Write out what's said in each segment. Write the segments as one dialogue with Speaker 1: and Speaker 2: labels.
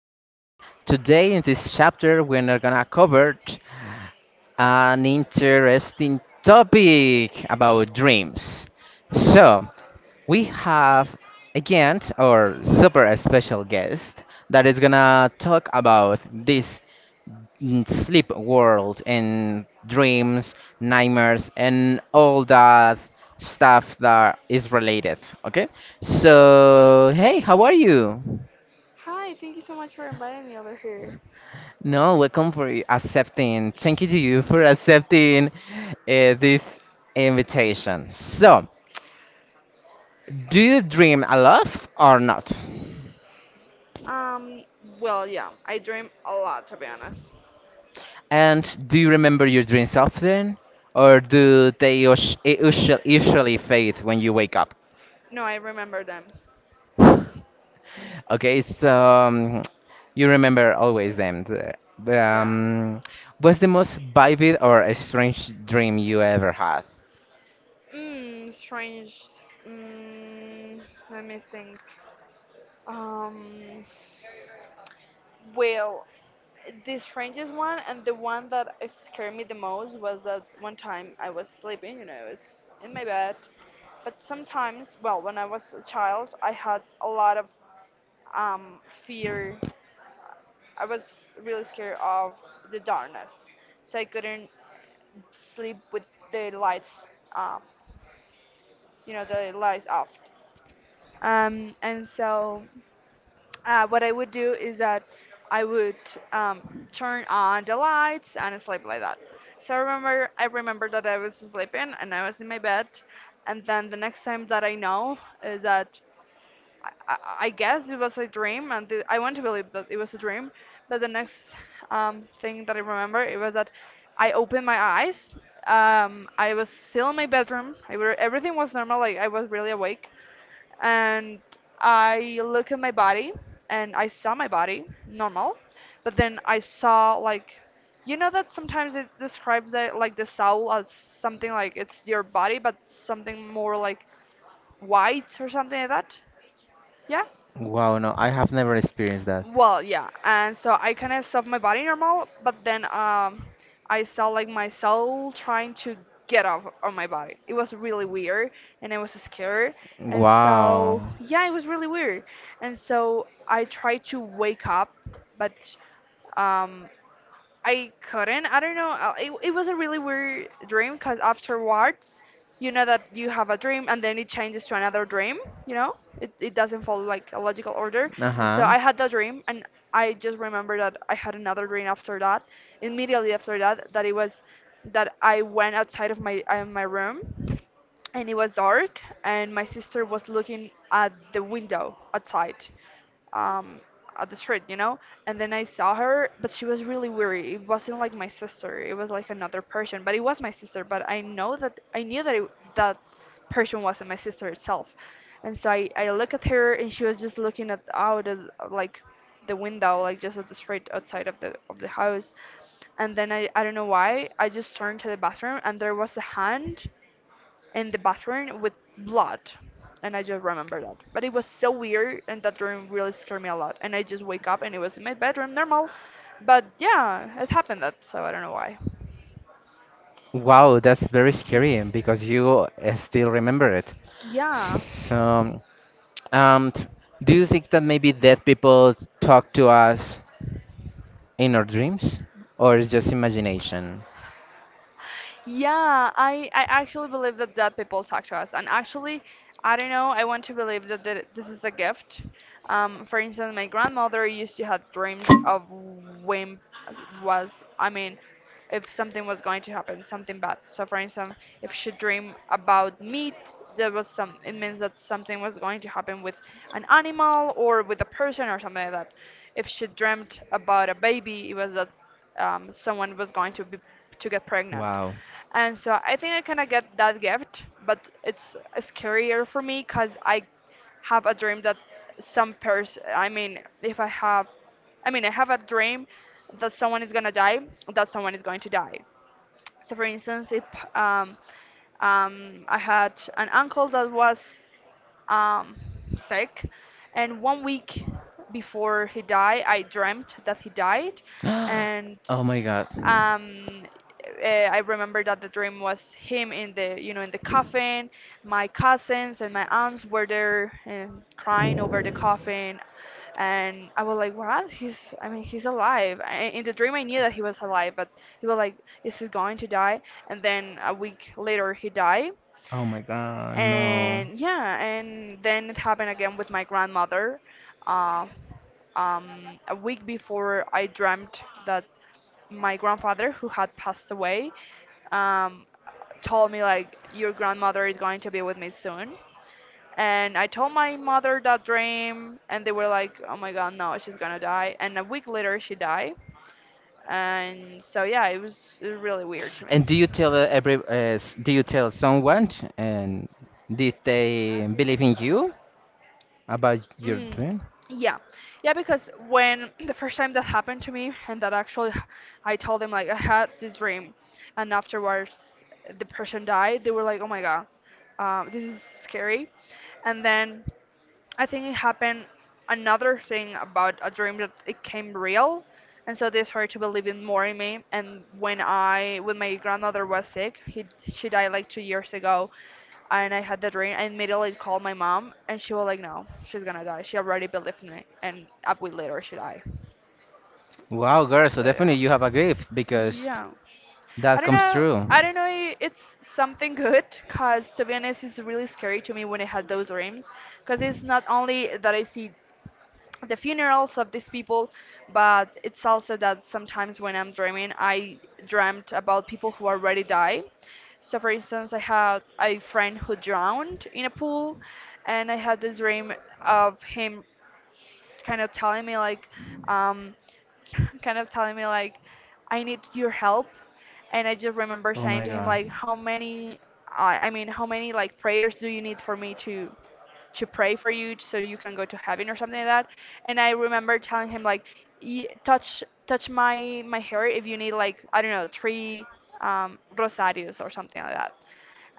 Speaker 1: podcast. Today, in this chapter, we're gonna cover an interesting topic about dreams. So, we have again our super special guest that is gonna talk about this sleep world and dreams, nightmares, and all that stuff that is related. Okay, so hey, how are you?
Speaker 2: Hi, thank you so much for inviting me over here.
Speaker 1: No, welcome for accepting. Thank you to you for accepting this invitation. So, do you dream a lot or not?
Speaker 2: Um, well, yeah, I dream a lot to be honest.
Speaker 1: And do you remember your dreams often, or do they usually fade when you wake up?
Speaker 2: No, I remember them.
Speaker 1: Okay, so you remember always them. The,
Speaker 2: Yeah.
Speaker 1: Um, what's the most vivid or a strange dream you ever had?
Speaker 2: Strange. Mmm, Let me think. Um, well, the strangest one and the one that scared me the most was that one time I was sleeping, you know, I was in my bed. But sometimes, well, when I was a child, I had a lot of um, fear. I was really scared of the darkness, so I couldn't sleep with the lights, um, you know, the lights off. And so, what I would do is that I would um, turn on the lights and sleep like that. So I remember that I was sleeping and I was in my bed, and then the next time that I know is that I guess it was a dream, and I want to believe that it was a dream. But the next thing that I remember it was that I opened my eyes. I was still in my bedroom. I were, everything was normal. Like I was really awake, and I look at my body, and I saw my body normal. But then I saw like, you know that sometimes they describe the like the soul as something like it's your body, but something more like white or something like that. Yeah.
Speaker 1: Wow, no, I have never experienced that.
Speaker 2: Well, yeah, and so I kind of saw my body normal, but then I saw like my soul trying to get off of my body. It was really weird, and I was scared, and
Speaker 1: Wow.
Speaker 2: so yeah, it was really weird, and so I tried to wake up, but um, I couldn't. I don't know. It was a really weird dream because afterwards, you know that you have a dream and then it changes to another dream, you know? It doesn't follow like a logical order.
Speaker 1: Uh
Speaker 2: And so
Speaker 1: huh.
Speaker 2: I had that dream and I just remember that I had another dream after that, immediately after that, that it was that I went outside of my my room, and it was dark and my sister was looking at the window outside, um, at the street, you know, and then I saw her, but she was really weary. It wasn't like my sister, it was like another person, but it was my sister, but I knew that that person wasn't my sister itself. And so I look at her and she was just looking at out of like the window, like just at the street outside of the house. And then I don't know why I just turned to the bathroom and there was a hand in the bathroom with blood. And I just remember that. But it was so weird, and that dream really scared me a lot. And I just wake up, and it was in my bedroom, normal. But yeah, it happened that, so I don't know why.
Speaker 1: Wow, that's very scary because you still remember it.
Speaker 2: Yeah.
Speaker 1: So, um, t- do you think that maybe dead people talk to us in our dreams, or it's just imagination?
Speaker 2: Yeah, I actually believe that that people talk to us. And actually, I don't know, I want to believe that this is a gift. For instance, my grandmother used to have dreams of when was, I mean, if something was going to happen, something bad. So, for instance, if she dreamed about meat, there was some, it means that something was going to happen with an animal or with a person or something like that. If she dreamt about a baby, it was that someone was going to be to get pregnant.
Speaker 1: Wow.
Speaker 2: And so I think I kind of get that gift, but it's scarier for me because I have a dream that some person I mean if I have, I mean, I have a dream that someone is gonna die, that someone is going to die. So for instance, if um, I had an uncle that was um, sick. And one week before he died, I dreamt that he died. And
Speaker 1: Oh my God.
Speaker 2: um, I remember that the dream was him in the, you know, in the coffin. My cousins and my aunts were there and crying over the coffin. And I was like, what? He's, I mean, he's alive. I, in the dream, I knew that he was alive, but he was like, is he going to die? And then a week later, he died.
Speaker 1: Oh my God, no.
Speaker 2: And yeah, and then it happened again with my grandmother. uh, a week before, I dreamt that my grandfather, who had passed away, um, told me like, your grandmother is going to be with me soon. And I told my mother that dream and they were like, oh my God, no, she's gonna die. And a week later, she died. And so yeah, it was really weird to
Speaker 1: And do you
Speaker 2: me.
Speaker 1: tell every do you tell someone and did they believe in you about your
Speaker 2: Mm,
Speaker 1: dream?
Speaker 2: yeah, yeah, because when the first time that happened to me, and that actually, I told them like I had this dream, and afterwards the person died. They were like, "Oh my God, this is scary," and then I think it happened another thing about a dream that it came real, and so they started to believe in more in me. And when when my grandmother was sick, he, she died like 2 years ago, and I had the dream. I immediately called my mom, and she was like, "No, she's gonna die. She already believed in me." And a week later, she died.
Speaker 1: Wow, girl, so
Speaker 2: So yeah,
Speaker 1: definitely you have a gift because
Speaker 2: yeah. I
Speaker 1: that
Speaker 2: don't
Speaker 1: comes
Speaker 2: know.
Speaker 1: true.
Speaker 2: I don't know. It's something good, cause to be honest, it's really scary to me when I had those dreams, cause it's not only that I see the funerals of these people, but it's also that sometimes when I'm dreaming, I dreamt about people who already died. So for instance, I had a friend who drowned in a pool, and I had this dream of him kind of telling me like, um, kind of telling me like, I need your help. And I just remember
Speaker 1: Oh
Speaker 2: saying
Speaker 1: my
Speaker 2: to him
Speaker 1: god.
Speaker 2: like, how many, I mean how many like prayers do you need for me to pray for you so you can go to heaven or something like that. And I remember telling him like, "Touch my hair if you need, like I don't know, three rosarios or something like that."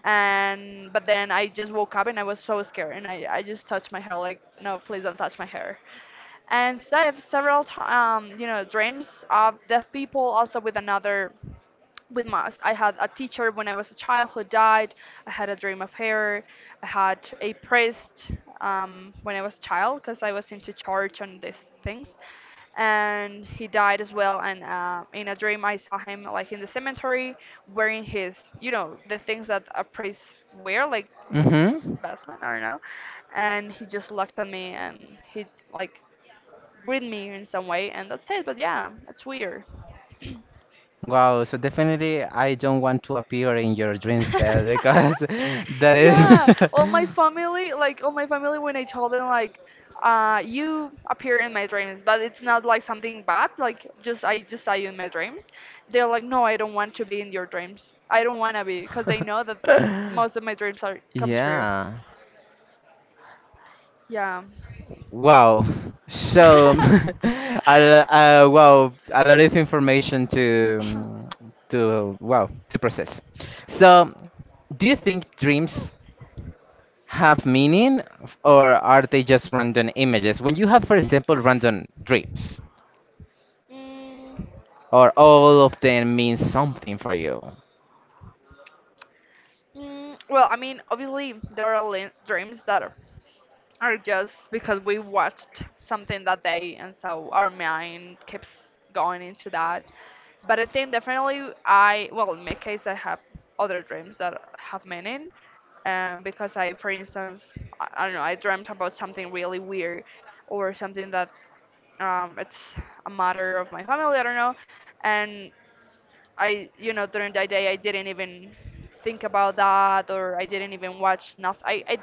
Speaker 2: And but then I just woke up and I was so scared, and I just touched my hair like, no, please don't touch my hair. And so I have several you know, dreams of deaf people, also with another, with math. I had a teacher when I was a child who died. I had a dream of her. I had a priest when I was a child because I was into church and these things. And he died as well. And in a dream, I saw him like in the cemetery wearing his, you know, the things that a priest wear, like his
Speaker 1: Mm-hmm.
Speaker 2: vestment, I don't know. And he just looked at me and he like greeted me in some way. And that's it. But yeah, it's weird.
Speaker 1: Wow, so definitely I don't want to appear in your dreams there because that is
Speaker 2: Yeah, all my family, like, all my family, when I told them like, you appear in my dreams, but it's not like something bad, like just I just saw you in my dreams, they're like, no, I don't want to be in your dreams, I don't want to be, because they know that most of my dreams are come true.
Speaker 1: Yeah.
Speaker 2: Yeah.
Speaker 1: Wow. So, wow, a lot of information to wow to process. So, do you think dreams have meaning or are they just random images? When you have, for example, random dreams,
Speaker 2: Mm,
Speaker 1: or all of them mean something for you?
Speaker 2: well, I mean, obviously there are dreams that are, or just because we watched something that day and so our mind keeps going into that. But I think definitely, I, well, in my case, I have other dreams that have meaning, because I, for instance, I don't know, I dreamt about something really weird or something that, it's a matter of my family, I don't know. And you know, during that day, I didn't even think about that, or I didn't even watch nothing. I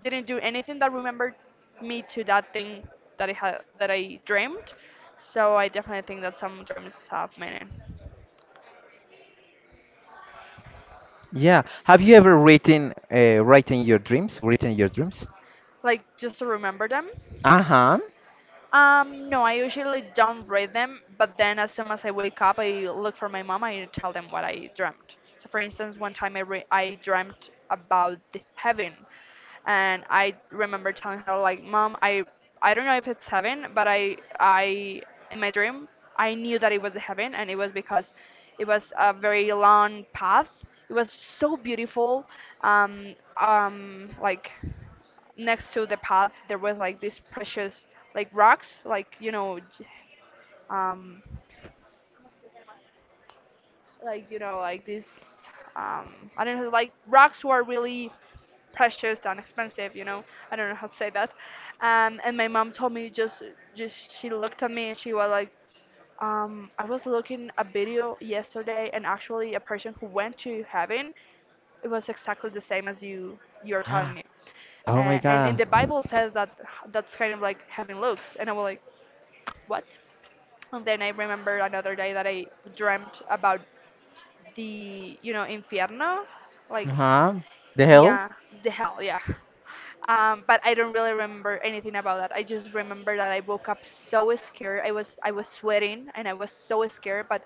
Speaker 2: didn't do anything that remembered me to that thing that I had that I dreamed. So I definitely think that some dreams have meaning,
Speaker 1: Yeah. Have you ever written, writing your dreams? Written your dreams?
Speaker 2: like just to remember them.
Speaker 1: Uh huh.
Speaker 2: No, I usually don't read them, but then as soon as I wake up, I look for my mom. I tell them what I dreamt. So, for instance, one time I dreamt about the heaven, and I remember telling her like, "Mom, I don't know if it's heaven, but I in my dream I knew that it was heaven, and it was because it was a very long path. It was so beautiful, um, like next to the path there was like these precious like rocks like you know um like you know like these um I don't know, like rocks were really precious and expensive, you know. I don't know how to say that. And my mom told me, just, she looked at me and she was like, "I was looking a video yesterday and actually a person who went to heaven. It was exactly the same as you're telling me." uh,
Speaker 1: Oh my
Speaker 2: and in
Speaker 1: God.
Speaker 2: the Bible says that's kind of like heaven looks, and I was like, "What?" And then I remember another day that I dreamt about the infierno,
Speaker 1: Uh
Speaker 2: like,
Speaker 1: huh. The hell?
Speaker 2: yeah, the hell, yeah. But I don't really remember anything about that. I just remember that I woke up so scared. I was sweating and I was so scared, but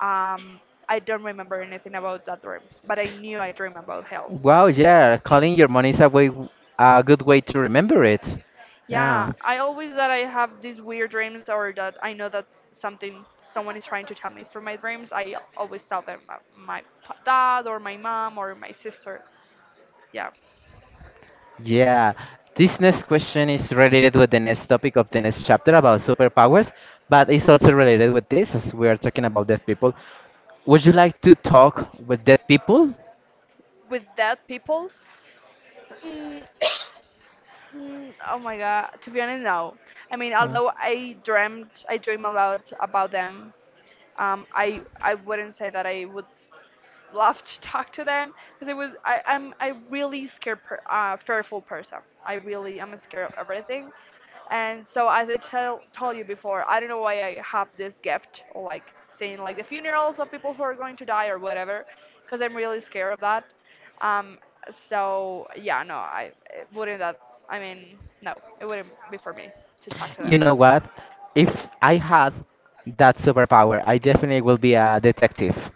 Speaker 2: um, I don't remember anything about that dream. But I knew I dreamed about hell.
Speaker 1: Wow. Yeah. Calling your money is a way, a good way to remember it.
Speaker 2: Yeah,
Speaker 1: Yeah.
Speaker 2: I always that I have these weird dreams or that I know that something someone is trying to tell me through my dreams. I always tell them my dad or my mom or my sister. Yeah.
Speaker 1: Yeah, this next question is related with the next topic of the next chapter about superpowers, but it's also related with this as we are talking about dead people. Would you like to talk with dead people?
Speaker 2: With dead people, mm, oh my God. To be honest, no. I mean, although I dreamt, I dream a lot about them. I wouldn't say that I would love to talk to them because I would I I'm I really scared fearful person. I really am scared of everything. And so, as I tell told you before, I don't know why I have this gift, or like seeing like the funerals of people who are going to die or whatever, because I'm really scared of that. Um, so yeah, no, I it wouldn't that. I mean, no, it wouldn't be for me to talk to them.
Speaker 1: You know what? If I had that superpower, I definitely will be a detective.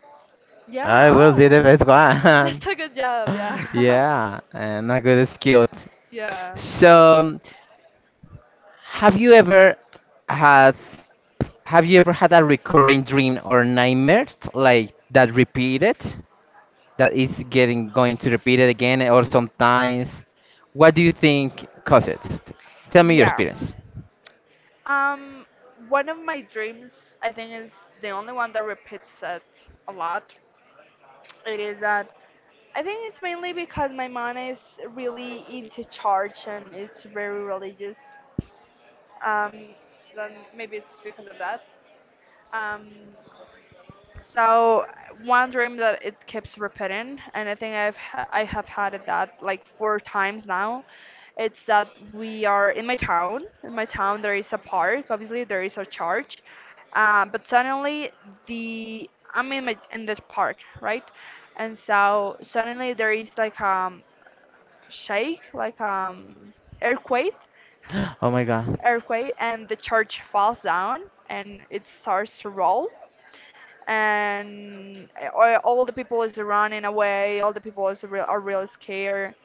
Speaker 2: Yeah.
Speaker 1: I will be
Speaker 2: Oh,
Speaker 1: the best one.
Speaker 2: that's a good job. Yeah.
Speaker 1: Yeah, and a good skill.
Speaker 2: Yeah.
Speaker 1: So, have you ever had a recurring dream or nightmare like that repeated? That is getting going to repeat it again or sometimes? What do you think causes it? Tell me your
Speaker 2: Yeah.
Speaker 1: experience.
Speaker 2: Um, One of my dreams, I think, is the only one that repeats it a lot. It is that I think it's mainly because my mom is really into church and it's very religious. Um, then maybe it's because of that. Um, so one dream that it keeps repeating, and I think I have had it that like four times now. It's that we are in my town. In my town, there is a park. Obviously, there is a church, but suddenly the I'm in this park, right? And so suddenly there is like shake, like earthquake,
Speaker 1: Oh my god.
Speaker 2: and the church falls down and it starts to roll, and all the people is running away. All the people is are really scared,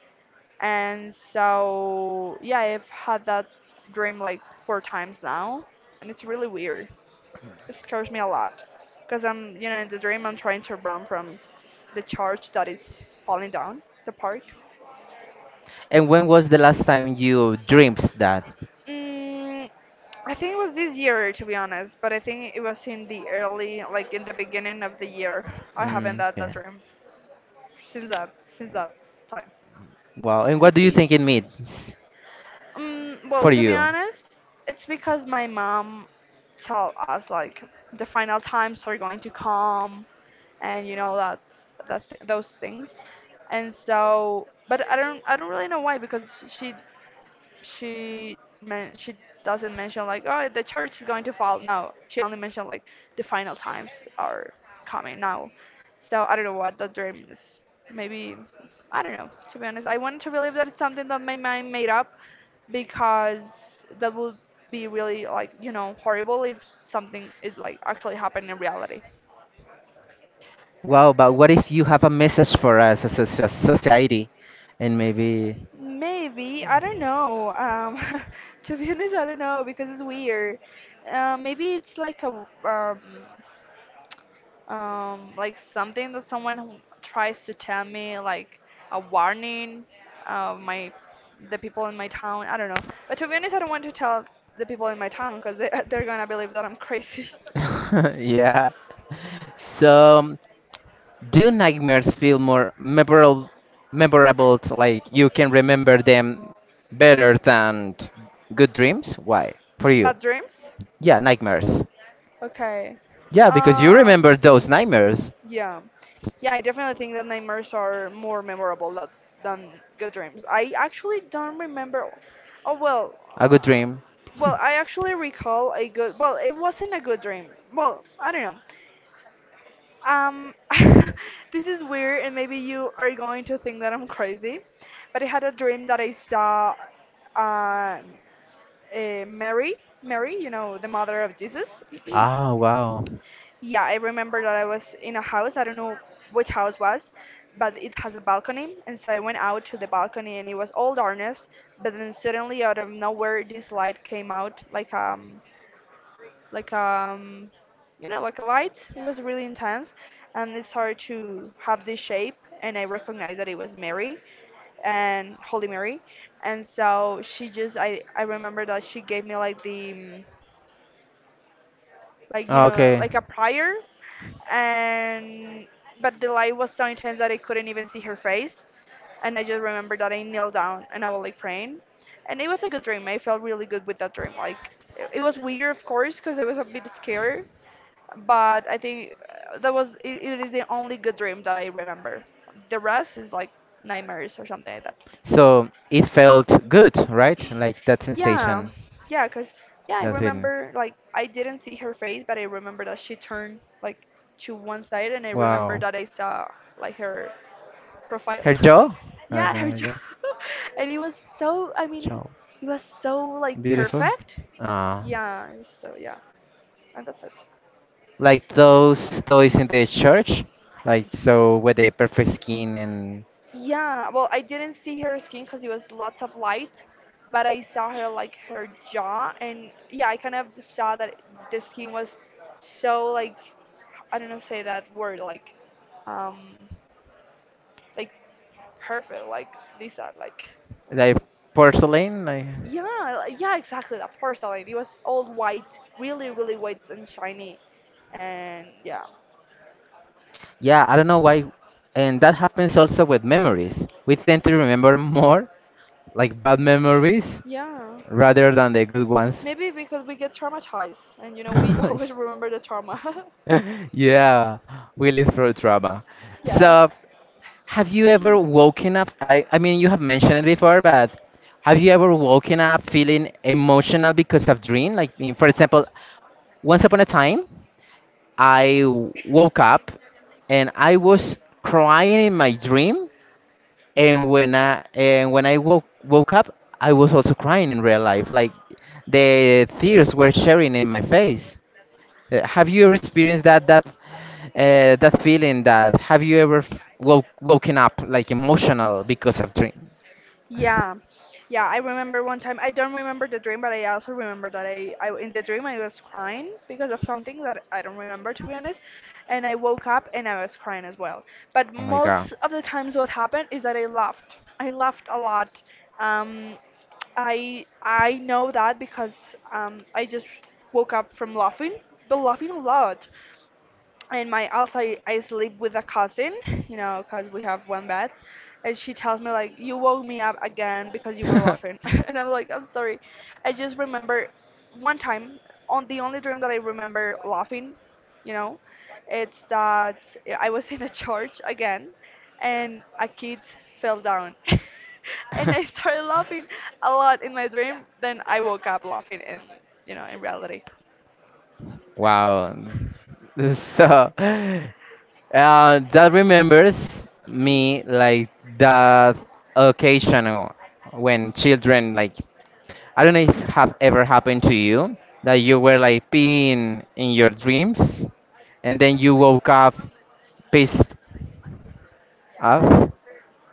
Speaker 2: and so yeah, I've had that dream like four times now, and it's really weird. It scares me a lot, cause I'm you know in the dream I'm trying to run from the church that is falling down the park.
Speaker 1: And when was the last time you dreamed that?
Speaker 2: Mm, I think it was this year, to be honest, but I think it was in the early, like in the beginning of the year. I haven't
Speaker 1: Mm,
Speaker 2: had that
Speaker 1: okay.
Speaker 2: dream since that time.
Speaker 1: Wow. And what do you think it means
Speaker 2: Well,
Speaker 1: for
Speaker 2: to be
Speaker 1: you?
Speaker 2: honest, it's because my mom tell us like the final times are going to come, and you know those things, and so. But I don't really know why because she doesn't mention like, "Oh, the church is going to fall," no, she only mentioned like the final times are coming now, so I don't know what the dream is. Maybe I don't know. To be honest, I wanted to believe that it's something that my mind made up because that would be really, like, horrible if something is like actually happened in reality.
Speaker 1: Wow, but what if you have a message for us as a society and maybe
Speaker 2: Maybe, I don't know. To be honest, I don't know because it's weird. Maybe it's like a like something that someone who tries to tell me, like, a warning, my the people in my town. I don't know. But to be honest, I don't want to tell the people in my town because they're gonna believe that I'm crazy.
Speaker 1: yeah. So, do nightmares feel more memorable, to, like you can remember them better than good dreams? Why? For you?
Speaker 2: Bad dreams?
Speaker 1: Yeah, nightmares.
Speaker 2: Okay.
Speaker 1: Yeah, because you
Speaker 2: Um.
Speaker 1: remember those nightmares.
Speaker 2: Yeah. Yeah, I definitely think that nightmares are more memorable than good dreams. I actually don't remember. Oh, well,
Speaker 1: A good dream.
Speaker 2: I actually recall a good, well, it wasn't a good dream. Well, I don't know. Um, this is weird, and maybe you are going to think that I'm crazy, but I had a dream that I saw uh, Mary, you know, the mother of Jesus.
Speaker 1: Ah, wow.
Speaker 2: Yeah, I remember that I was in a house. I don't know which house was, but it has a balcony, and so I went out to the balcony, and it was all darkness. But then suddenly, out of nowhere, this light came out, like you know, like a light, it was really intense, and it started to have this shape, and I recognized that it was Mary, and holy Mary, and so she just I remember that she gave me like like you
Speaker 1: Ah,
Speaker 2: know,
Speaker 1: okay.
Speaker 2: like a prayer. And But the light was so intense that I couldn't even see her face, and I just remember that I knelt down and I was like praying, and it was a good dream. I felt really good with that dream. Like, it was weird, of course, because I was a bit scared, but I think that was it is the only good dream that I remember. The rest is like nightmares or something like that.
Speaker 1: So it felt good, right? Like that
Speaker 2: Yeah,
Speaker 1: sensation,
Speaker 2: yeah, cause yeah, I
Speaker 1: that feeling.
Speaker 2: remember, like, I didn't see her face, but I remember that she turned, like, to one side, and I remember
Speaker 1: Wow.
Speaker 2: that I saw like her profile.
Speaker 1: Her jaw?
Speaker 2: Yeah, her
Speaker 1: Her
Speaker 2: jaw,
Speaker 1: jaw.
Speaker 2: and it was so. I mean,
Speaker 1: Jaw.
Speaker 2: it was so like
Speaker 1: Beautiful.
Speaker 2: perfect.
Speaker 1: Ah.
Speaker 2: Yeah, it was so, yeah, and that's it.
Speaker 1: Like those toys in the church, like so with the perfect skin and
Speaker 2: Yeah, well, I didn't see her skin because it was lots of light, but I saw her, like, her jaw, and yeah, I kind of saw that the skin was so, like, I don't know how to say that word, like, um, like, perfect, like Lisa, like,
Speaker 1: like porcelain. Like,
Speaker 2: yeah, yeah, exactly, that porcelain. It was all white, really, really white and shiny, and yeah.
Speaker 1: yeah, I don't know why, and that happens also with memories. We tend to remember more like bad memories
Speaker 2: Yeah,
Speaker 1: rather than the good ones.
Speaker 2: maybe because we get traumatized and you know we always remember the trauma.
Speaker 1: Yeah, we live through trauma.
Speaker 2: Yeah.
Speaker 1: So, have you ever woken up? I mean, you have mentioned it before, but have you ever woken up feeling emotional because of dream? Like, for example, once upon a time, I woke up and I was crying in my dream. And when I woke up, I was also crying in real life. Like the tears were sharing in my face. Have you ever experienced that feeling? That have you ever woken up like emotional because of dream? Oh
Speaker 2: Yeah, yeah. I remember one time. I don't remember the dream, but I also remember that I in the dream I was crying because of something that I don't remember, to be honest, and I woke up and I was crying as well. But
Speaker 1: my god.
Speaker 2: most of the times, what happened is that I laughed. I laughed a lot. Um, I know that because I just woke up from laughing, but laughing a lot, and my also I sleep with a cousin, you know, because we have one bed, and she tells me like, "You woke me up again because you were laughing." And I'm like, "I'm sorry." I just remember one time, on the only dream that I remember laughing, you know, it's that I was in a church again and a kid fell down and I started laughing a lot in my dream. Then I woke up laughing in, in reality.
Speaker 1: Wow. So, that remembers me like that occasion when children like I don't know if have ever happened to you that you were like peeing in your dreams and then you woke up pissed off.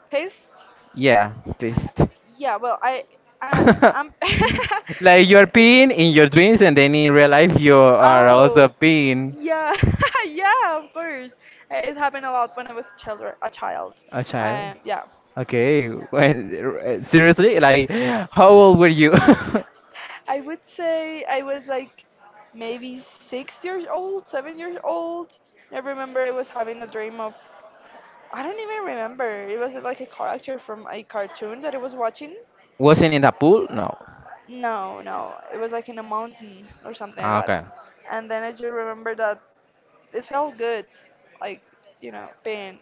Speaker 2: Pissed.
Speaker 1: Yeah, pissed.
Speaker 2: Yeah, well, I I'm.
Speaker 1: Like you're peeing in your dreams and then in real life you are also
Speaker 2: Oh,
Speaker 1: peeing.
Speaker 2: yeah, yeah, of course. It happened a lot when I was children, a child.
Speaker 1: A child?
Speaker 2: Yeah,
Speaker 1: Okay. When, seriously? Like, how old were you?
Speaker 2: I would say I was like maybe 6 years old, 7 years old. I remember I was having a dream of. I don't even remember. It was like a character from a cartoon that I was watching.
Speaker 1: Wasn't in the pool? No.
Speaker 2: No, no, it was like in a mountain or something like
Speaker 1: Ah,
Speaker 2: that.
Speaker 1: okay.
Speaker 2: And then I just remember that it felt good, like, you know, pain.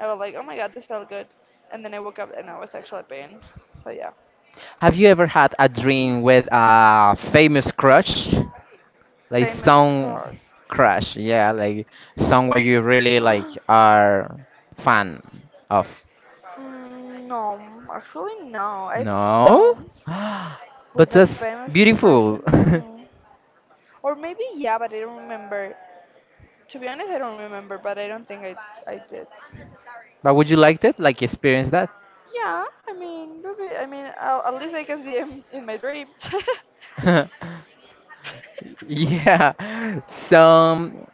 Speaker 2: I was like, "Oh my God, this felt good." And then I woke up and I was actually pain. So yeah,
Speaker 1: Have you ever had a dream with a famous crush? Like
Speaker 2: famous
Speaker 1: some
Speaker 2: crush.
Speaker 1: crush, yeah, like someone you really like are fan of.
Speaker 2: Mm, no, actually no. I've
Speaker 1: No?
Speaker 2: no,
Speaker 1: But
Speaker 2: with a
Speaker 1: that's
Speaker 2: famous
Speaker 1: beautiful.
Speaker 2: person, no. Or maybe yeah, but I don't remember. To be honest, I don't remember, but I don't think I did.
Speaker 1: But would you like that? Like experience that?
Speaker 2: Yeah, I mean, maybe, I mean, I at least I can see him in my dreams.
Speaker 1: Yeah. So,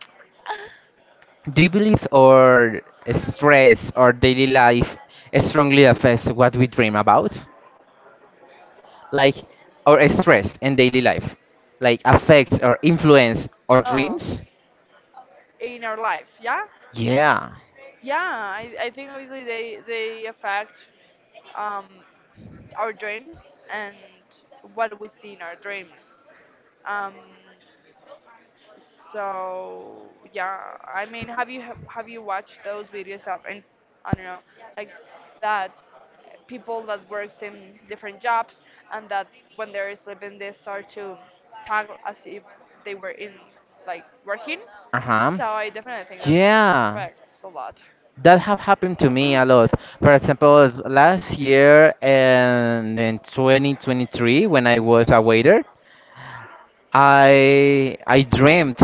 Speaker 1: do you believe our stress, or daily life, strongly affects what we dream about? Like our stress and daily life, like affects or influence our
Speaker 2: Oh,
Speaker 1: dreams?
Speaker 2: in our life, yeah,
Speaker 1: Yeah.
Speaker 2: yeah. I think obviously they affect um, our dreams and what we see in our dreams. Um, so yeah, I mean, have you watched those videos of and I don't know, like, that people that works in different jobs and that when they're sleeping they start to talk as if they were in, like, working.
Speaker 1: Uh huh.
Speaker 2: So I definitely think that
Speaker 1: Yeah,
Speaker 2: affects a lot.
Speaker 1: that have happened to me a lot. For example, last year and in 2023, when I was a waiter, I dreamt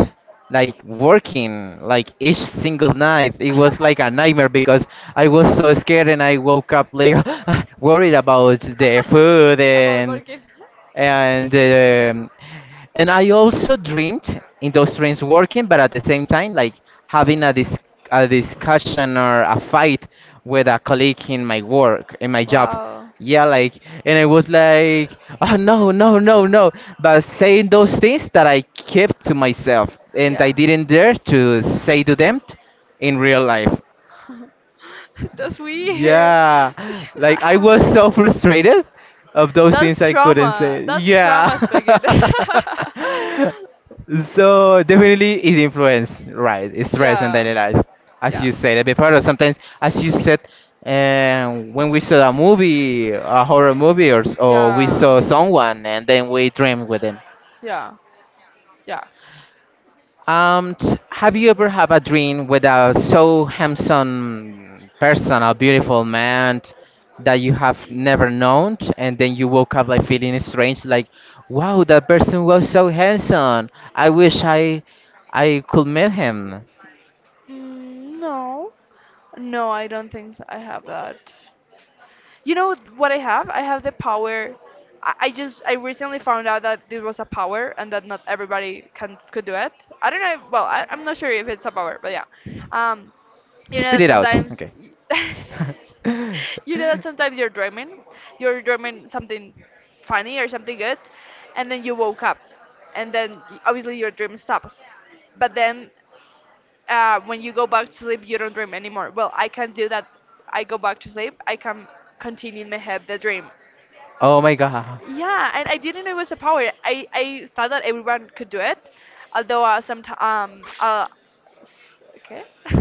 Speaker 1: like working like each single night. It was like a nightmare because I was so scared and I woke up later worried about the food
Speaker 2: About working.
Speaker 1: and um, and I also dreamed in those dreams working, but at the same time, like having a discussion or a fight with a colleague in my work, in my job.
Speaker 2: Wow.
Speaker 1: Yeah, like, and I was like, oh no, no, no, no. But saying those things that I kept to myself and I
Speaker 2: Yeah.
Speaker 1: didn't dare to say to them in real life.
Speaker 2: That's weird.
Speaker 1: Yeah, like I was so frustrated of those things I couldn't
Speaker 2: Trauma.
Speaker 1: say.
Speaker 2: That's
Speaker 1: Yeah.
Speaker 2: trauma speaking.
Speaker 1: So definitely it influence, right? Stress and
Speaker 2: Yeah,
Speaker 1: daily life, as
Speaker 2: yeah.
Speaker 1: you said before. Or sometimes, as you said, when we saw a movie, a horror movie, or we saw
Speaker 2: Yeah.
Speaker 1: someone, and then we dream with them.
Speaker 2: Yeah. Yeah.
Speaker 1: Have you ever had a dream with a so handsome person, a beautiful man, that you have never known, and then you woke up like feeling strange, like, wow, that person was so handsome. I wish I could meet him.
Speaker 2: Mm, no. No, I don't think so. I have that. You know what I have? I have the power. I recently found out that this was a power and that not everybody can could do it. I don't know. If, well, I'm not sure if it's a power, but yeah. Um, you know
Speaker 1: Spit
Speaker 2: that
Speaker 1: it out.
Speaker 2: sometimes.
Speaker 1: Okay.
Speaker 2: y- you know that sometimes you're dreaming, something funny or something good, and then you woke up, and then obviously your dream stops. But then when you go back to sleep, you don't dream anymore. Well, I can do that. I go back to sleep. I can continue in my head the dream.
Speaker 1: Oh my god.
Speaker 2: Yeah, and I didn't know it was a power. I thought that everyone could do it, although some s- okay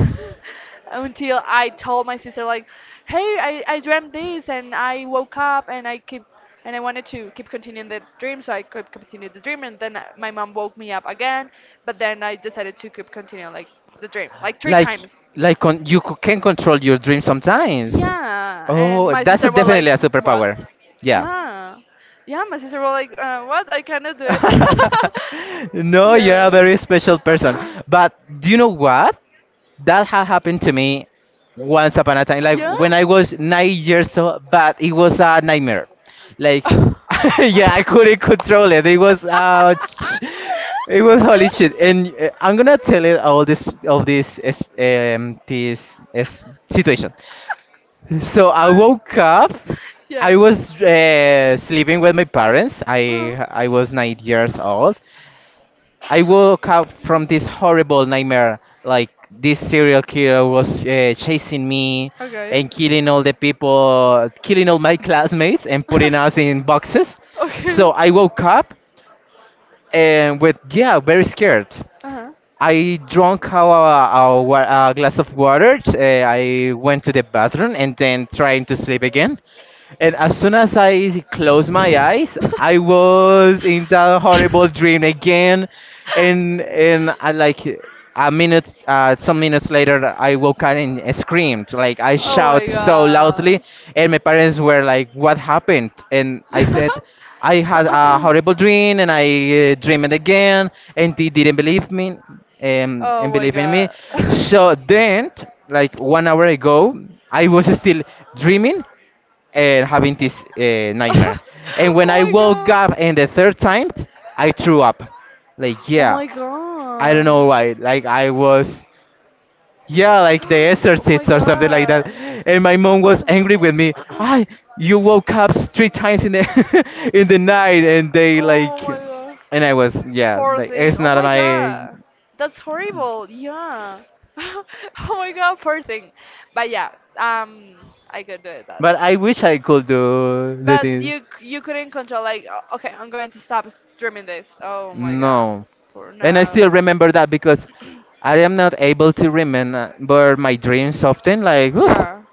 Speaker 2: Until I told my sister, like, hey, I dreamt this and I woke up and I wanted to keep continuing the dream, so I could continue the dream and then my mom woke me up again, but then I decided to keep continuing, like, the dream, like, three
Speaker 1: Like
Speaker 2: times.
Speaker 1: like you can control your dreams sometimes.
Speaker 2: Yeah, and
Speaker 1: Oh,
Speaker 2: my
Speaker 1: that's
Speaker 2: sister was like,
Speaker 1: definitely a
Speaker 2: "What?"
Speaker 1: superpower. Yeah.
Speaker 2: Yeah, yeah, my sister was like, "What? I cannot do it."
Speaker 1: No, you're a
Speaker 2: Yeah.
Speaker 1: very special person. But do you know what? That had happened to me once upon a time, like
Speaker 2: Yeah.
Speaker 1: when I was 9 years old, but it was a nightmare. Like, yeah, I couldn't control it. It was holy shit, and I'm gonna tell it all this of this is situation. So I woke up. I was sleeping with my parents.
Speaker 2: Yeah.
Speaker 1: I was 9 years
Speaker 2: Uh-huh.
Speaker 1: old. I woke up from this horrible nightmare. Like this serial killer was chasing me
Speaker 2: Okay.
Speaker 1: and killing all the people, killing all my classmates and putting us in boxes.
Speaker 2: Okay.
Speaker 1: So I woke up and with yeah, very scared.
Speaker 2: Uh-huh.
Speaker 1: I drank a glass of water. I went to the bathroom and then trying to sleep again. And as soon as I closed my eyes, I was in that horrible dream again. And I like some minutes later, I woke up and screamed. Like I
Speaker 2: Oh my
Speaker 1: shout so loudly,
Speaker 2: god.
Speaker 1: and my parents were like, "What happened?" And
Speaker 2: Oh
Speaker 1: I
Speaker 2: my god.
Speaker 1: said, "I had a horrible dream, and I dreamed again." And they didn't believe me, and believe in me. So then, like 1 hour ago, I was still dreaming and having this nightmare.
Speaker 2: Oh
Speaker 1: And when I woke up and the third time, I threw up. Like yeah,
Speaker 2: my
Speaker 1: I don't
Speaker 2: god.
Speaker 1: know
Speaker 2: Oh my god.
Speaker 1: why. Like I was yeah, like the exorcist or something like that.
Speaker 2: God.
Speaker 1: And my mom was angry with me. I you woke up three times in the in the night and they like
Speaker 2: God.
Speaker 1: and I was yeah,
Speaker 2: Poor it's
Speaker 1: like it's not my
Speaker 2: That's horrible. Yeah. Oh my god, poor thing. But yeah, um I could do that.
Speaker 1: but I wish I could do the
Speaker 2: But
Speaker 1: thing.
Speaker 2: you couldn't control, like, "Oh, okay, I'm going to stop streaming this. Oh my god.
Speaker 1: No.
Speaker 2: For
Speaker 1: And I
Speaker 2: now."
Speaker 1: still remember that because I am not able to remember my dreams often. Like, whew,
Speaker 2: Yeah.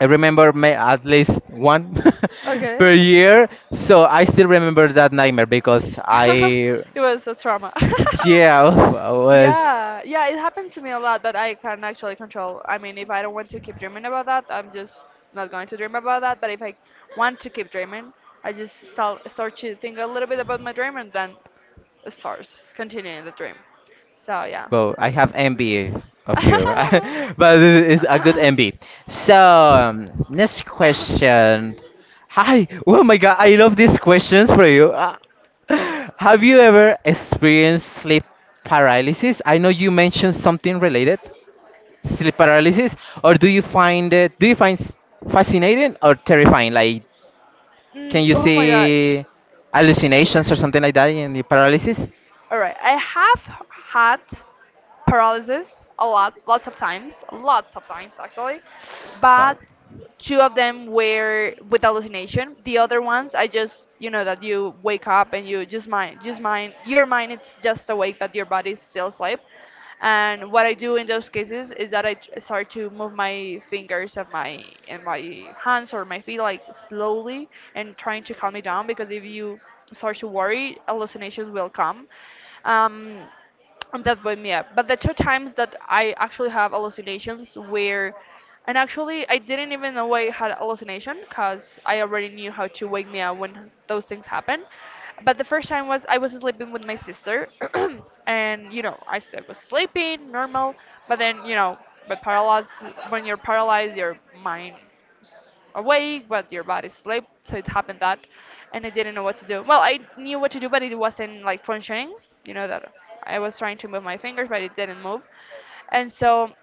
Speaker 1: I remember may at least one
Speaker 2: Okay.
Speaker 1: per year. So I still remember that nightmare because I,
Speaker 2: It was a trauma. Yeah.
Speaker 1: yeah, I was.
Speaker 2: Yeah, yeah, it happened to me a lot, but I can actually control. I mean, if I don't want to keep dreaming about that, I'm just not going to dream about that. But if I want to keep dreaming, I just start to think a little bit about my dream, and then stars continuing the dream. So yeah.
Speaker 1: Well, I have envy of you, but it's a good envy. So, next question. Hi. Oh my God, I love these questions for you. Ah. Have you ever experienced sleep paralysis? I know you mentioned something related, sleep paralysis, or do you find fascinating or terrifying? Like, can
Speaker 2: Mm,
Speaker 1: you
Speaker 2: oh my god.
Speaker 1: see hallucinations or something like that in the paralysis?
Speaker 2: All right. I have had paralysis a lot, lots of times actually.
Speaker 1: Wow.
Speaker 2: But two of them were with hallucination. The other ones, I just, you know, that you wake up and you your mind it's just awake, but your body's still asleep. And what I do in those cases is that I start to move my fingers of my and my hands or my feet, like, slowly and trying to calm me down because if you start to worry, hallucinations will come. Um, and that woke me up. But the two times that I actually have hallucinations where, and actually I didn't even know I had hallucination because I already knew how to wake me up when those things happen. But the first time was I was sleeping with my sister, and you know I was sleeping normal, but then you know, but paralyzed when you're paralyzed, your mind awake, but your body slept. So it happened that, and I didn't know what to do. Well, I knew what to do, but it wasn't like functioning. You know that I was trying to move my fingers, but it didn't move. And so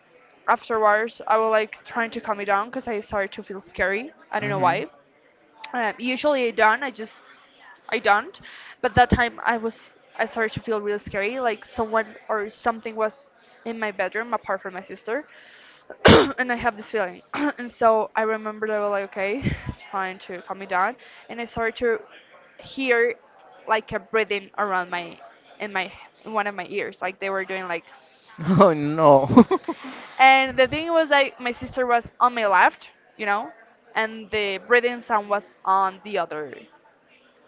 Speaker 2: afterwards, I was, like, trying to calm it down because I started to feel scary. I don't know
Speaker 1: Mm-hmm.
Speaker 2: why. Usually I don't. I don't. But that time I started to feel really scary. Like someone or something was in my bedroom apart from my sister. And I have this feeling. And so I remember they were like, okay, trying to calm me down, and I started to hear, like, a breathing around my in my in one of my ears, like they were doing, like.
Speaker 1: Oh no.
Speaker 2: And the thing was, like, my sister was on my left, you know, and the breathing sound was on the other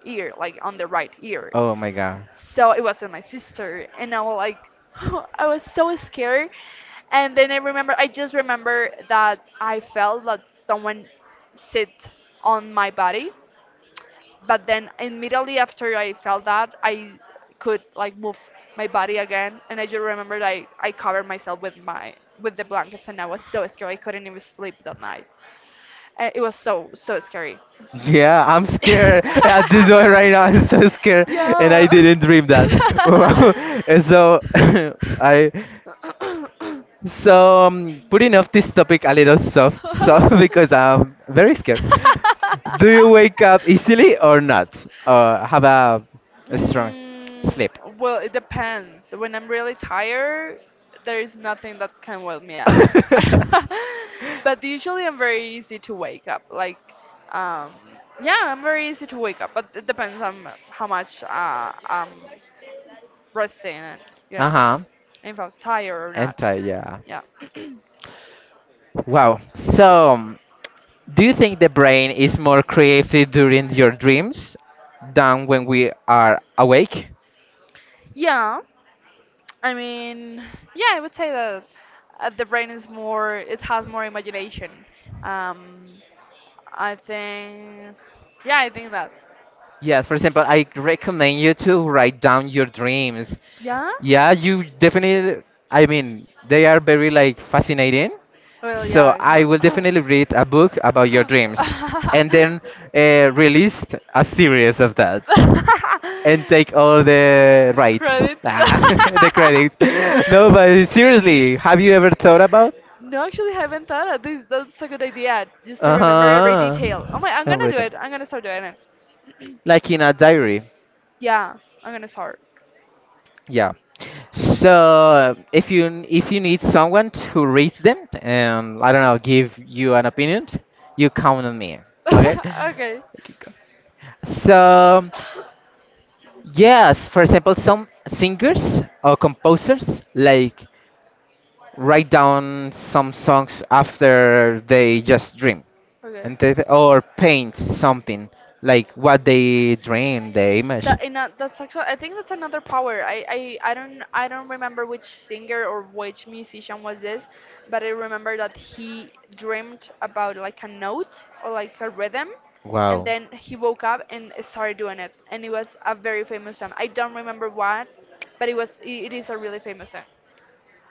Speaker 2: ear, like on the right ear.
Speaker 1: Oh my god.
Speaker 2: So it wasn't my sister, and I was like, I was so scared. And then I remember, I just remember that I felt that someone sit on my body, but then immediately after I felt that, I could, like, move my body again, and I just remember, like, I covered myself with my with the blankets, and I was so scared I couldn't even sleep that night. It was so so scary.
Speaker 1: Yeah, I'm scared at this one right now. I'm so scared, and I
Speaker 2: Yeah.
Speaker 1: didn't dream that. Wow. And so I So, putting off this topic a little soft, soft because I'm very scared.
Speaker 2: Do
Speaker 1: Do you wake up easily or not? Or have a strong
Speaker 2: Mm,
Speaker 1: sleep?
Speaker 2: well, it depends. When I'm really tired, there is nothing that can wake me up. But usually I'm very easy to wake up. Like, um, yeah, I'm very easy to wake up, but it depends on how much I'm resting and, you know,
Speaker 1: Uh-huh.
Speaker 2: if I'm tired or not.
Speaker 1: Anti, yeah.
Speaker 2: Yeah.
Speaker 1: Wow. So, do you think the brain is more creative during your dreams than when we are awake?
Speaker 2: Yeah. I mean, yeah, I would say that the brain is more, it has more imagination. Um, I think, yeah, I think that.
Speaker 1: Yes, for example, I recommend you to write down your dreams.
Speaker 2: Yeah?
Speaker 1: Yeah, you definitely, I mean, they are very like fascinating.
Speaker 2: Well,
Speaker 1: So I will
Speaker 2: yeah.
Speaker 1: definitely read a book about your
Speaker 2: No.
Speaker 1: dreams and then released a series of that and take all the rights,
Speaker 2: Credits.
Speaker 1: ah, the credits. No, but seriously, have you ever thought about?
Speaker 2: No, actually, haven't thought of this. That's a good idea. Just to remember every
Speaker 1: Uh-huh.
Speaker 2: detail. Oh my, I'm
Speaker 1: I've
Speaker 2: gonna do
Speaker 1: written.
Speaker 2: it. I'm gonna start doing.
Speaker 1: Like in a diary.
Speaker 2: Yeah, I'm gonna start.
Speaker 1: Yeah. So if you need someone to reach them and I don't know, give you an opinion, you count on me. Okay.
Speaker 2: Okay,
Speaker 1: Okay, go. So yes, for example, some singers or composers like write down some songs after they just dream
Speaker 2: okay.
Speaker 1: and they, or paint something like what they dream, the image.
Speaker 2: That and that, that's actually, I think that's another power. I don't remember which singer or which musician was this, but I remember that he dreamed about, like, a note or, like, a rhythm, and
Speaker 1: Wow.
Speaker 2: then he woke up and started doing it, and it was a very famous song. I don't remember what, but it is a really famous song.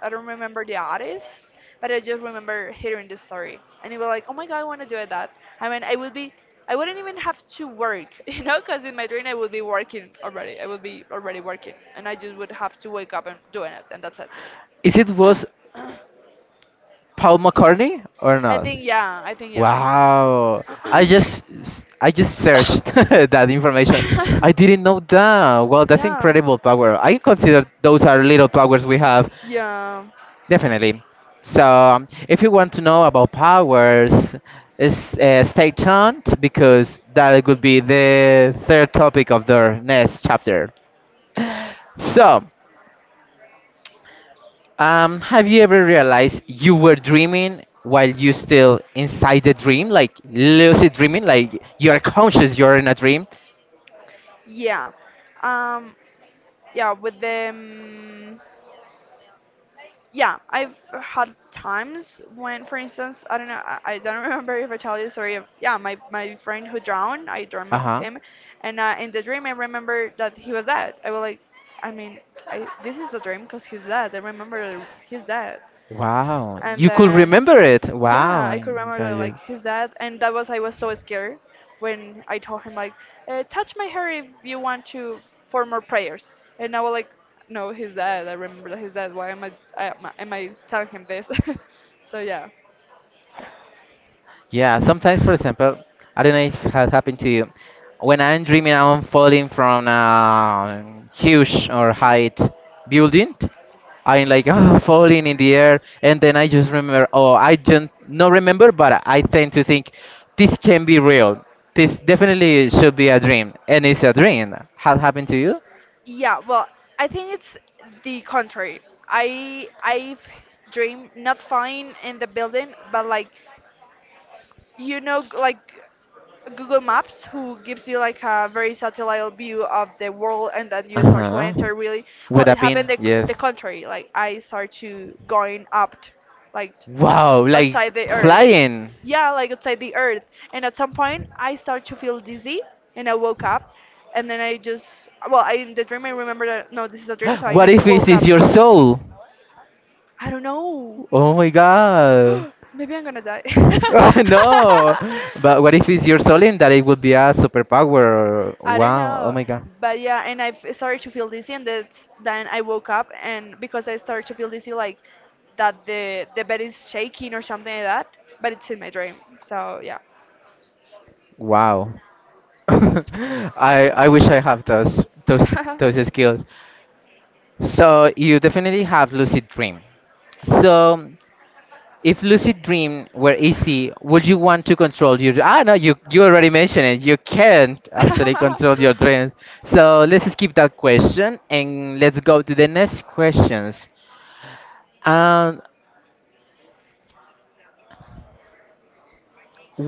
Speaker 2: I don't remember the artist, but I just remember hearing the story. And it was like, oh my god, I want to do it that. I mean, I would be, I wouldn't even have to work, you know, because in my dream I would be working already. I would be already working, and I just would have to wake up and doing it, and that's it.
Speaker 1: Is it was Paul McCartney or
Speaker 2: I
Speaker 1: not?
Speaker 2: think yeah, I think yeah.
Speaker 1: Wow. I just searched that information. I didn't know that. Well, that's
Speaker 2: Yeah,
Speaker 1: incredible power. I consider those are little powers we have.
Speaker 2: yeah,
Speaker 1: Definitely. So, if you want to know about powers, is stay tuned because that would be the third topic of the next chapter. So, have you ever realized you were dreaming while you still inside the dream, like lucid dreaming, like you're conscious you're in a dream?
Speaker 2: yeah. Um, yeah, with them. Yeah, I've had times when, for instance, I don't know, I don't remember if I told you the story of, yeah, my friend who drowned, I dreamt
Speaker 1: Uh
Speaker 2: of
Speaker 1: huh.
Speaker 2: him, and in the dream I remember that he was dead. I was like, I mean, I this is a dream because he's dead. I remember he's dead.
Speaker 1: Wow,
Speaker 2: And
Speaker 1: you could
Speaker 2: then,
Speaker 1: remember it.
Speaker 2: yeah,
Speaker 1: Wow,
Speaker 2: I could remember
Speaker 1: so
Speaker 2: that,
Speaker 1: you.
Speaker 2: like, his dad, and that was I was so scared when I told him, like, touch my hair if you want to for more prayers, and I was like, no, his dad. I remember his dad. Why am I am I am I telling him this? So yeah,
Speaker 1: Yeah, sometimes, for example, I don't know if it has happened to you. When I'm dreaming, I'm falling from a huge or height building. I'm like, oh, falling in the air, and then I just remember. Oh, I don't no remember, but I tend to think this can be real. This definitely should be a dream, and it's a dream. Has happened to you?
Speaker 2: yeah. Well, I think it's the contrary. I've dreamed not falling in the building, but, like, you know, like, Google Maps, who gives you, like, a very satellite view of the world, and then you
Speaker 1: Uh
Speaker 2: start to
Speaker 1: huh.
Speaker 2: enter really.
Speaker 1: With
Speaker 2: Well,
Speaker 1: a
Speaker 2: it
Speaker 1: pin,
Speaker 2: happened the
Speaker 1: yes.
Speaker 2: contrary. Like I start to going up, like
Speaker 1: Wow, like
Speaker 2: outside the Earth.
Speaker 1: flying.
Speaker 2: Yeah, like outside the Earth. And at some point, I start to feel dizzy, and I woke up, and then I just well, I in the dream I remember that no, this is a dream, so I
Speaker 1: What
Speaker 2: need
Speaker 1: if
Speaker 2: to
Speaker 1: this
Speaker 2: woke
Speaker 1: is
Speaker 2: up.
Speaker 1: your soul?
Speaker 2: I don't know.
Speaker 1: Oh my god.
Speaker 2: Maybe I'm gonna die.
Speaker 1: Oh, no, but what if it's your soul in that it would be a superpower?
Speaker 2: I don't
Speaker 1: Wow, oh
Speaker 2: know.
Speaker 1: my god,
Speaker 2: But yeah, and I started to feel dizzy, and that's, then I woke up, and because I started to feel dizzy, like that the bed is shaking or something like that. But it's in my dream, so yeah.
Speaker 1: wow. I wish I have those skills. So you definitely have lucid dream. So if lucid dream were easy, would you want to control your? Ah no, you already mentioned it. You can't actually control your dreams. So let's skip that question and let's go to the next questions. Um,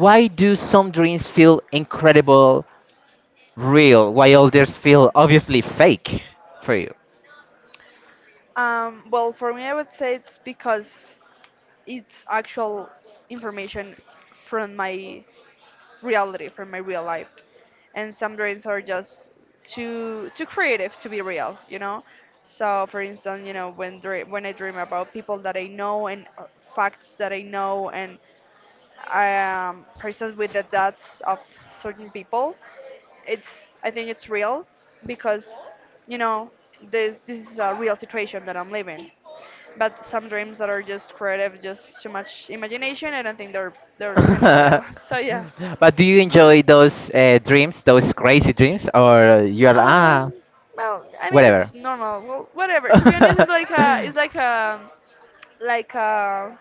Speaker 1: Why do some dreams feel incredible, real, while others feel obviously fake for you?
Speaker 2: Well, for me, I would say it's because it's actual information from my reality from my real life, and some dreams are just too too creative to be real, you know. So for instance, you know, when dream, when I dream about people that I know and facts that I know and I am persons with the deaths of certain people, it's, I think it's real because you know this is a real situation that I'm living. But some dreams that are just creative, just too much imagination, I don't think they're kind of real. So yeah.
Speaker 1: But do you enjoy those dreams, those crazy dreams, or you're
Speaker 2: Um,
Speaker 1: ah
Speaker 2: well, I mean
Speaker 1: whatever?
Speaker 2: it's normal. Well, whatever. To be honest, it's like a it's like a like a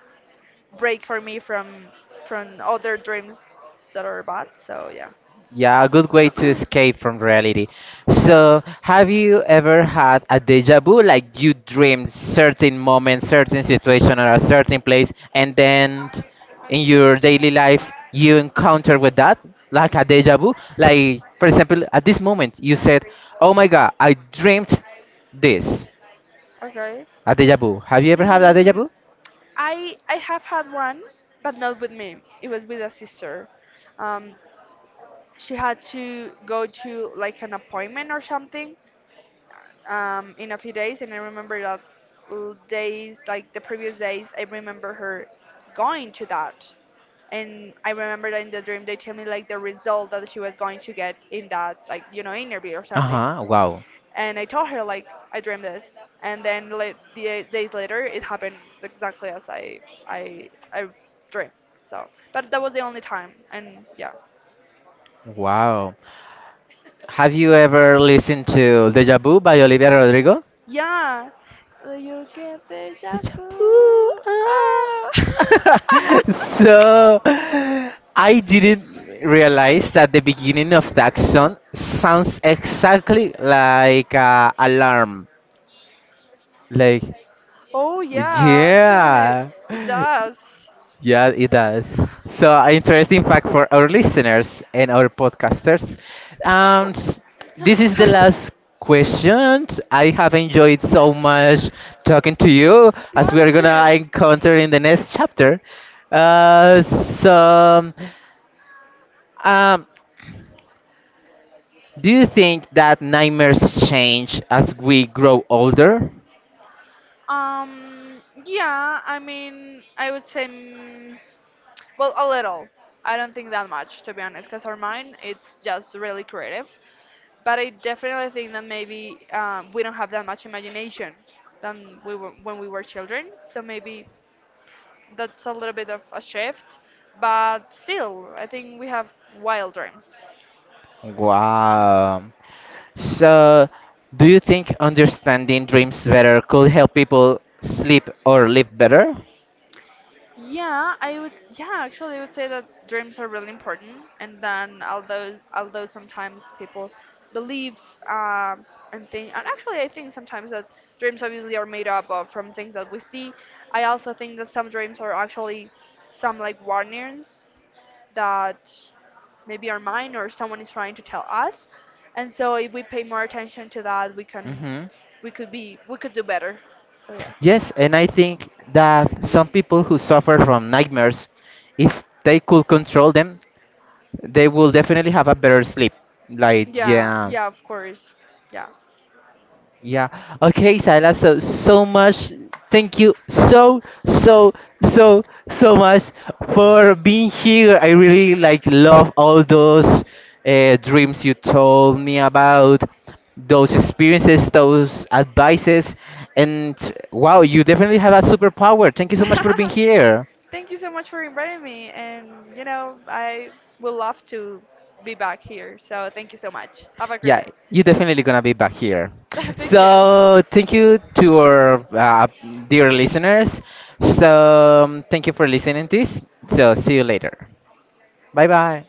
Speaker 2: break for me from other dreams that are bad. So yeah,
Speaker 1: Yeah, a good way to escape from reality.
Speaker 2: yeah.
Speaker 1: So, have you ever had a deja vu? Like you dreamed certain moment, certain situation, or a certain place, and then in your daily life you encounter with that, like a deja vu. Like, for example, at this moment you said, "Oh my God, I dreamed this."
Speaker 2: Okay.
Speaker 1: A deja vu. Have you ever had a deja
Speaker 2: Mm,
Speaker 1: vu?
Speaker 2: I have had one, but not with me. It was with a sister. Um, she had to go to, like, an appointment or something, in a few days, and I remember that days, like the previous days, I remember her going to that. And I remember that in the dream, they tell me, like, the result that she was going to get in that, like, you know, interview or
Speaker 1: Uh
Speaker 2: something.
Speaker 1: huh. Wow.
Speaker 2: And I told her, like, I dreamed this. And then, like, the 8 days later, it happened exactly as I dreamed. So, but that was the only time. And yeah.
Speaker 1: Wow. Have you ever listened to Deja Vu by Olivia Rodrigo?
Speaker 2: Yeah, will you get
Speaker 1: The
Speaker 2: deja
Speaker 1: shampoo.
Speaker 2: vu. Ah.
Speaker 1: Ah. So I didn't realize that the beginning of that song sounds exactly like a alarm. Like,
Speaker 2: Oh yeah, actually,
Speaker 1: yeah.
Speaker 2: it does.
Speaker 1: Yeah, it does. So, interesting fact for our listeners and our podcasters. And this is the last question. I have enjoyed so much talking to you as
Speaker 2: Yeah,
Speaker 1: we
Speaker 2: me
Speaker 1: are gonna
Speaker 2: too.
Speaker 1: encounter in the next chapter. So, um, do you think that nightmares change as we grow older?
Speaker 2: Yeah, I mean, I would say, well, a little. I don't think that much, to be honest, because our mind, it's just really creative. But I definitely think that maybe we don't have that much imagination than we were when we were children. So maybe that's a little bit of a shift, but still, I think we have wild dreams.
Speaker 1: Wow. So, do you think understanding dreams better could help people sleep or live better?
Speaker 2: Yeah, I would. Yeah, actually, I would say that dreams are really important, and then although sometimes people believe um, and think, and actually, I think sometimes that dreams obviously are made up of from things that we see. I also think that some dreams are actually some, like, warnings that maybe are mine or someone is trying to tell us. And so if we pay more attention to that, we can
Speaker 1: Hmm.
Speaker 2: we could be we could do better. So yeah.
Speaker 1: Yes, and I think that some people who suffer from nightmares, if they could control them, they will definitely have a better sleep. Like,
Speaker 2: Yeah,
Speaker 1: yeah.
Speaker 2: yeah, of course. Yeah.
Speaker 1: Yeah. Okay, Saila. So so much. Thank you so so so so much for being here. I really like love all those dreams you told me about, those experiences, those advices, and wow, you definitely have a superpower. Thank you so much for being here.
Speaker 2: Thank you so much for inviting me and you know, I would love to be back here. So thank you so much. Have a great
Speaker 1: Yeah,
Speaker 2: day.
Speaker 1: you're definitely gonna be back here.
Speaker 2: Thank you.
Speaker 1: So thank you to our dear listeners. So thank you for listening to this. So see you later. Bye bye.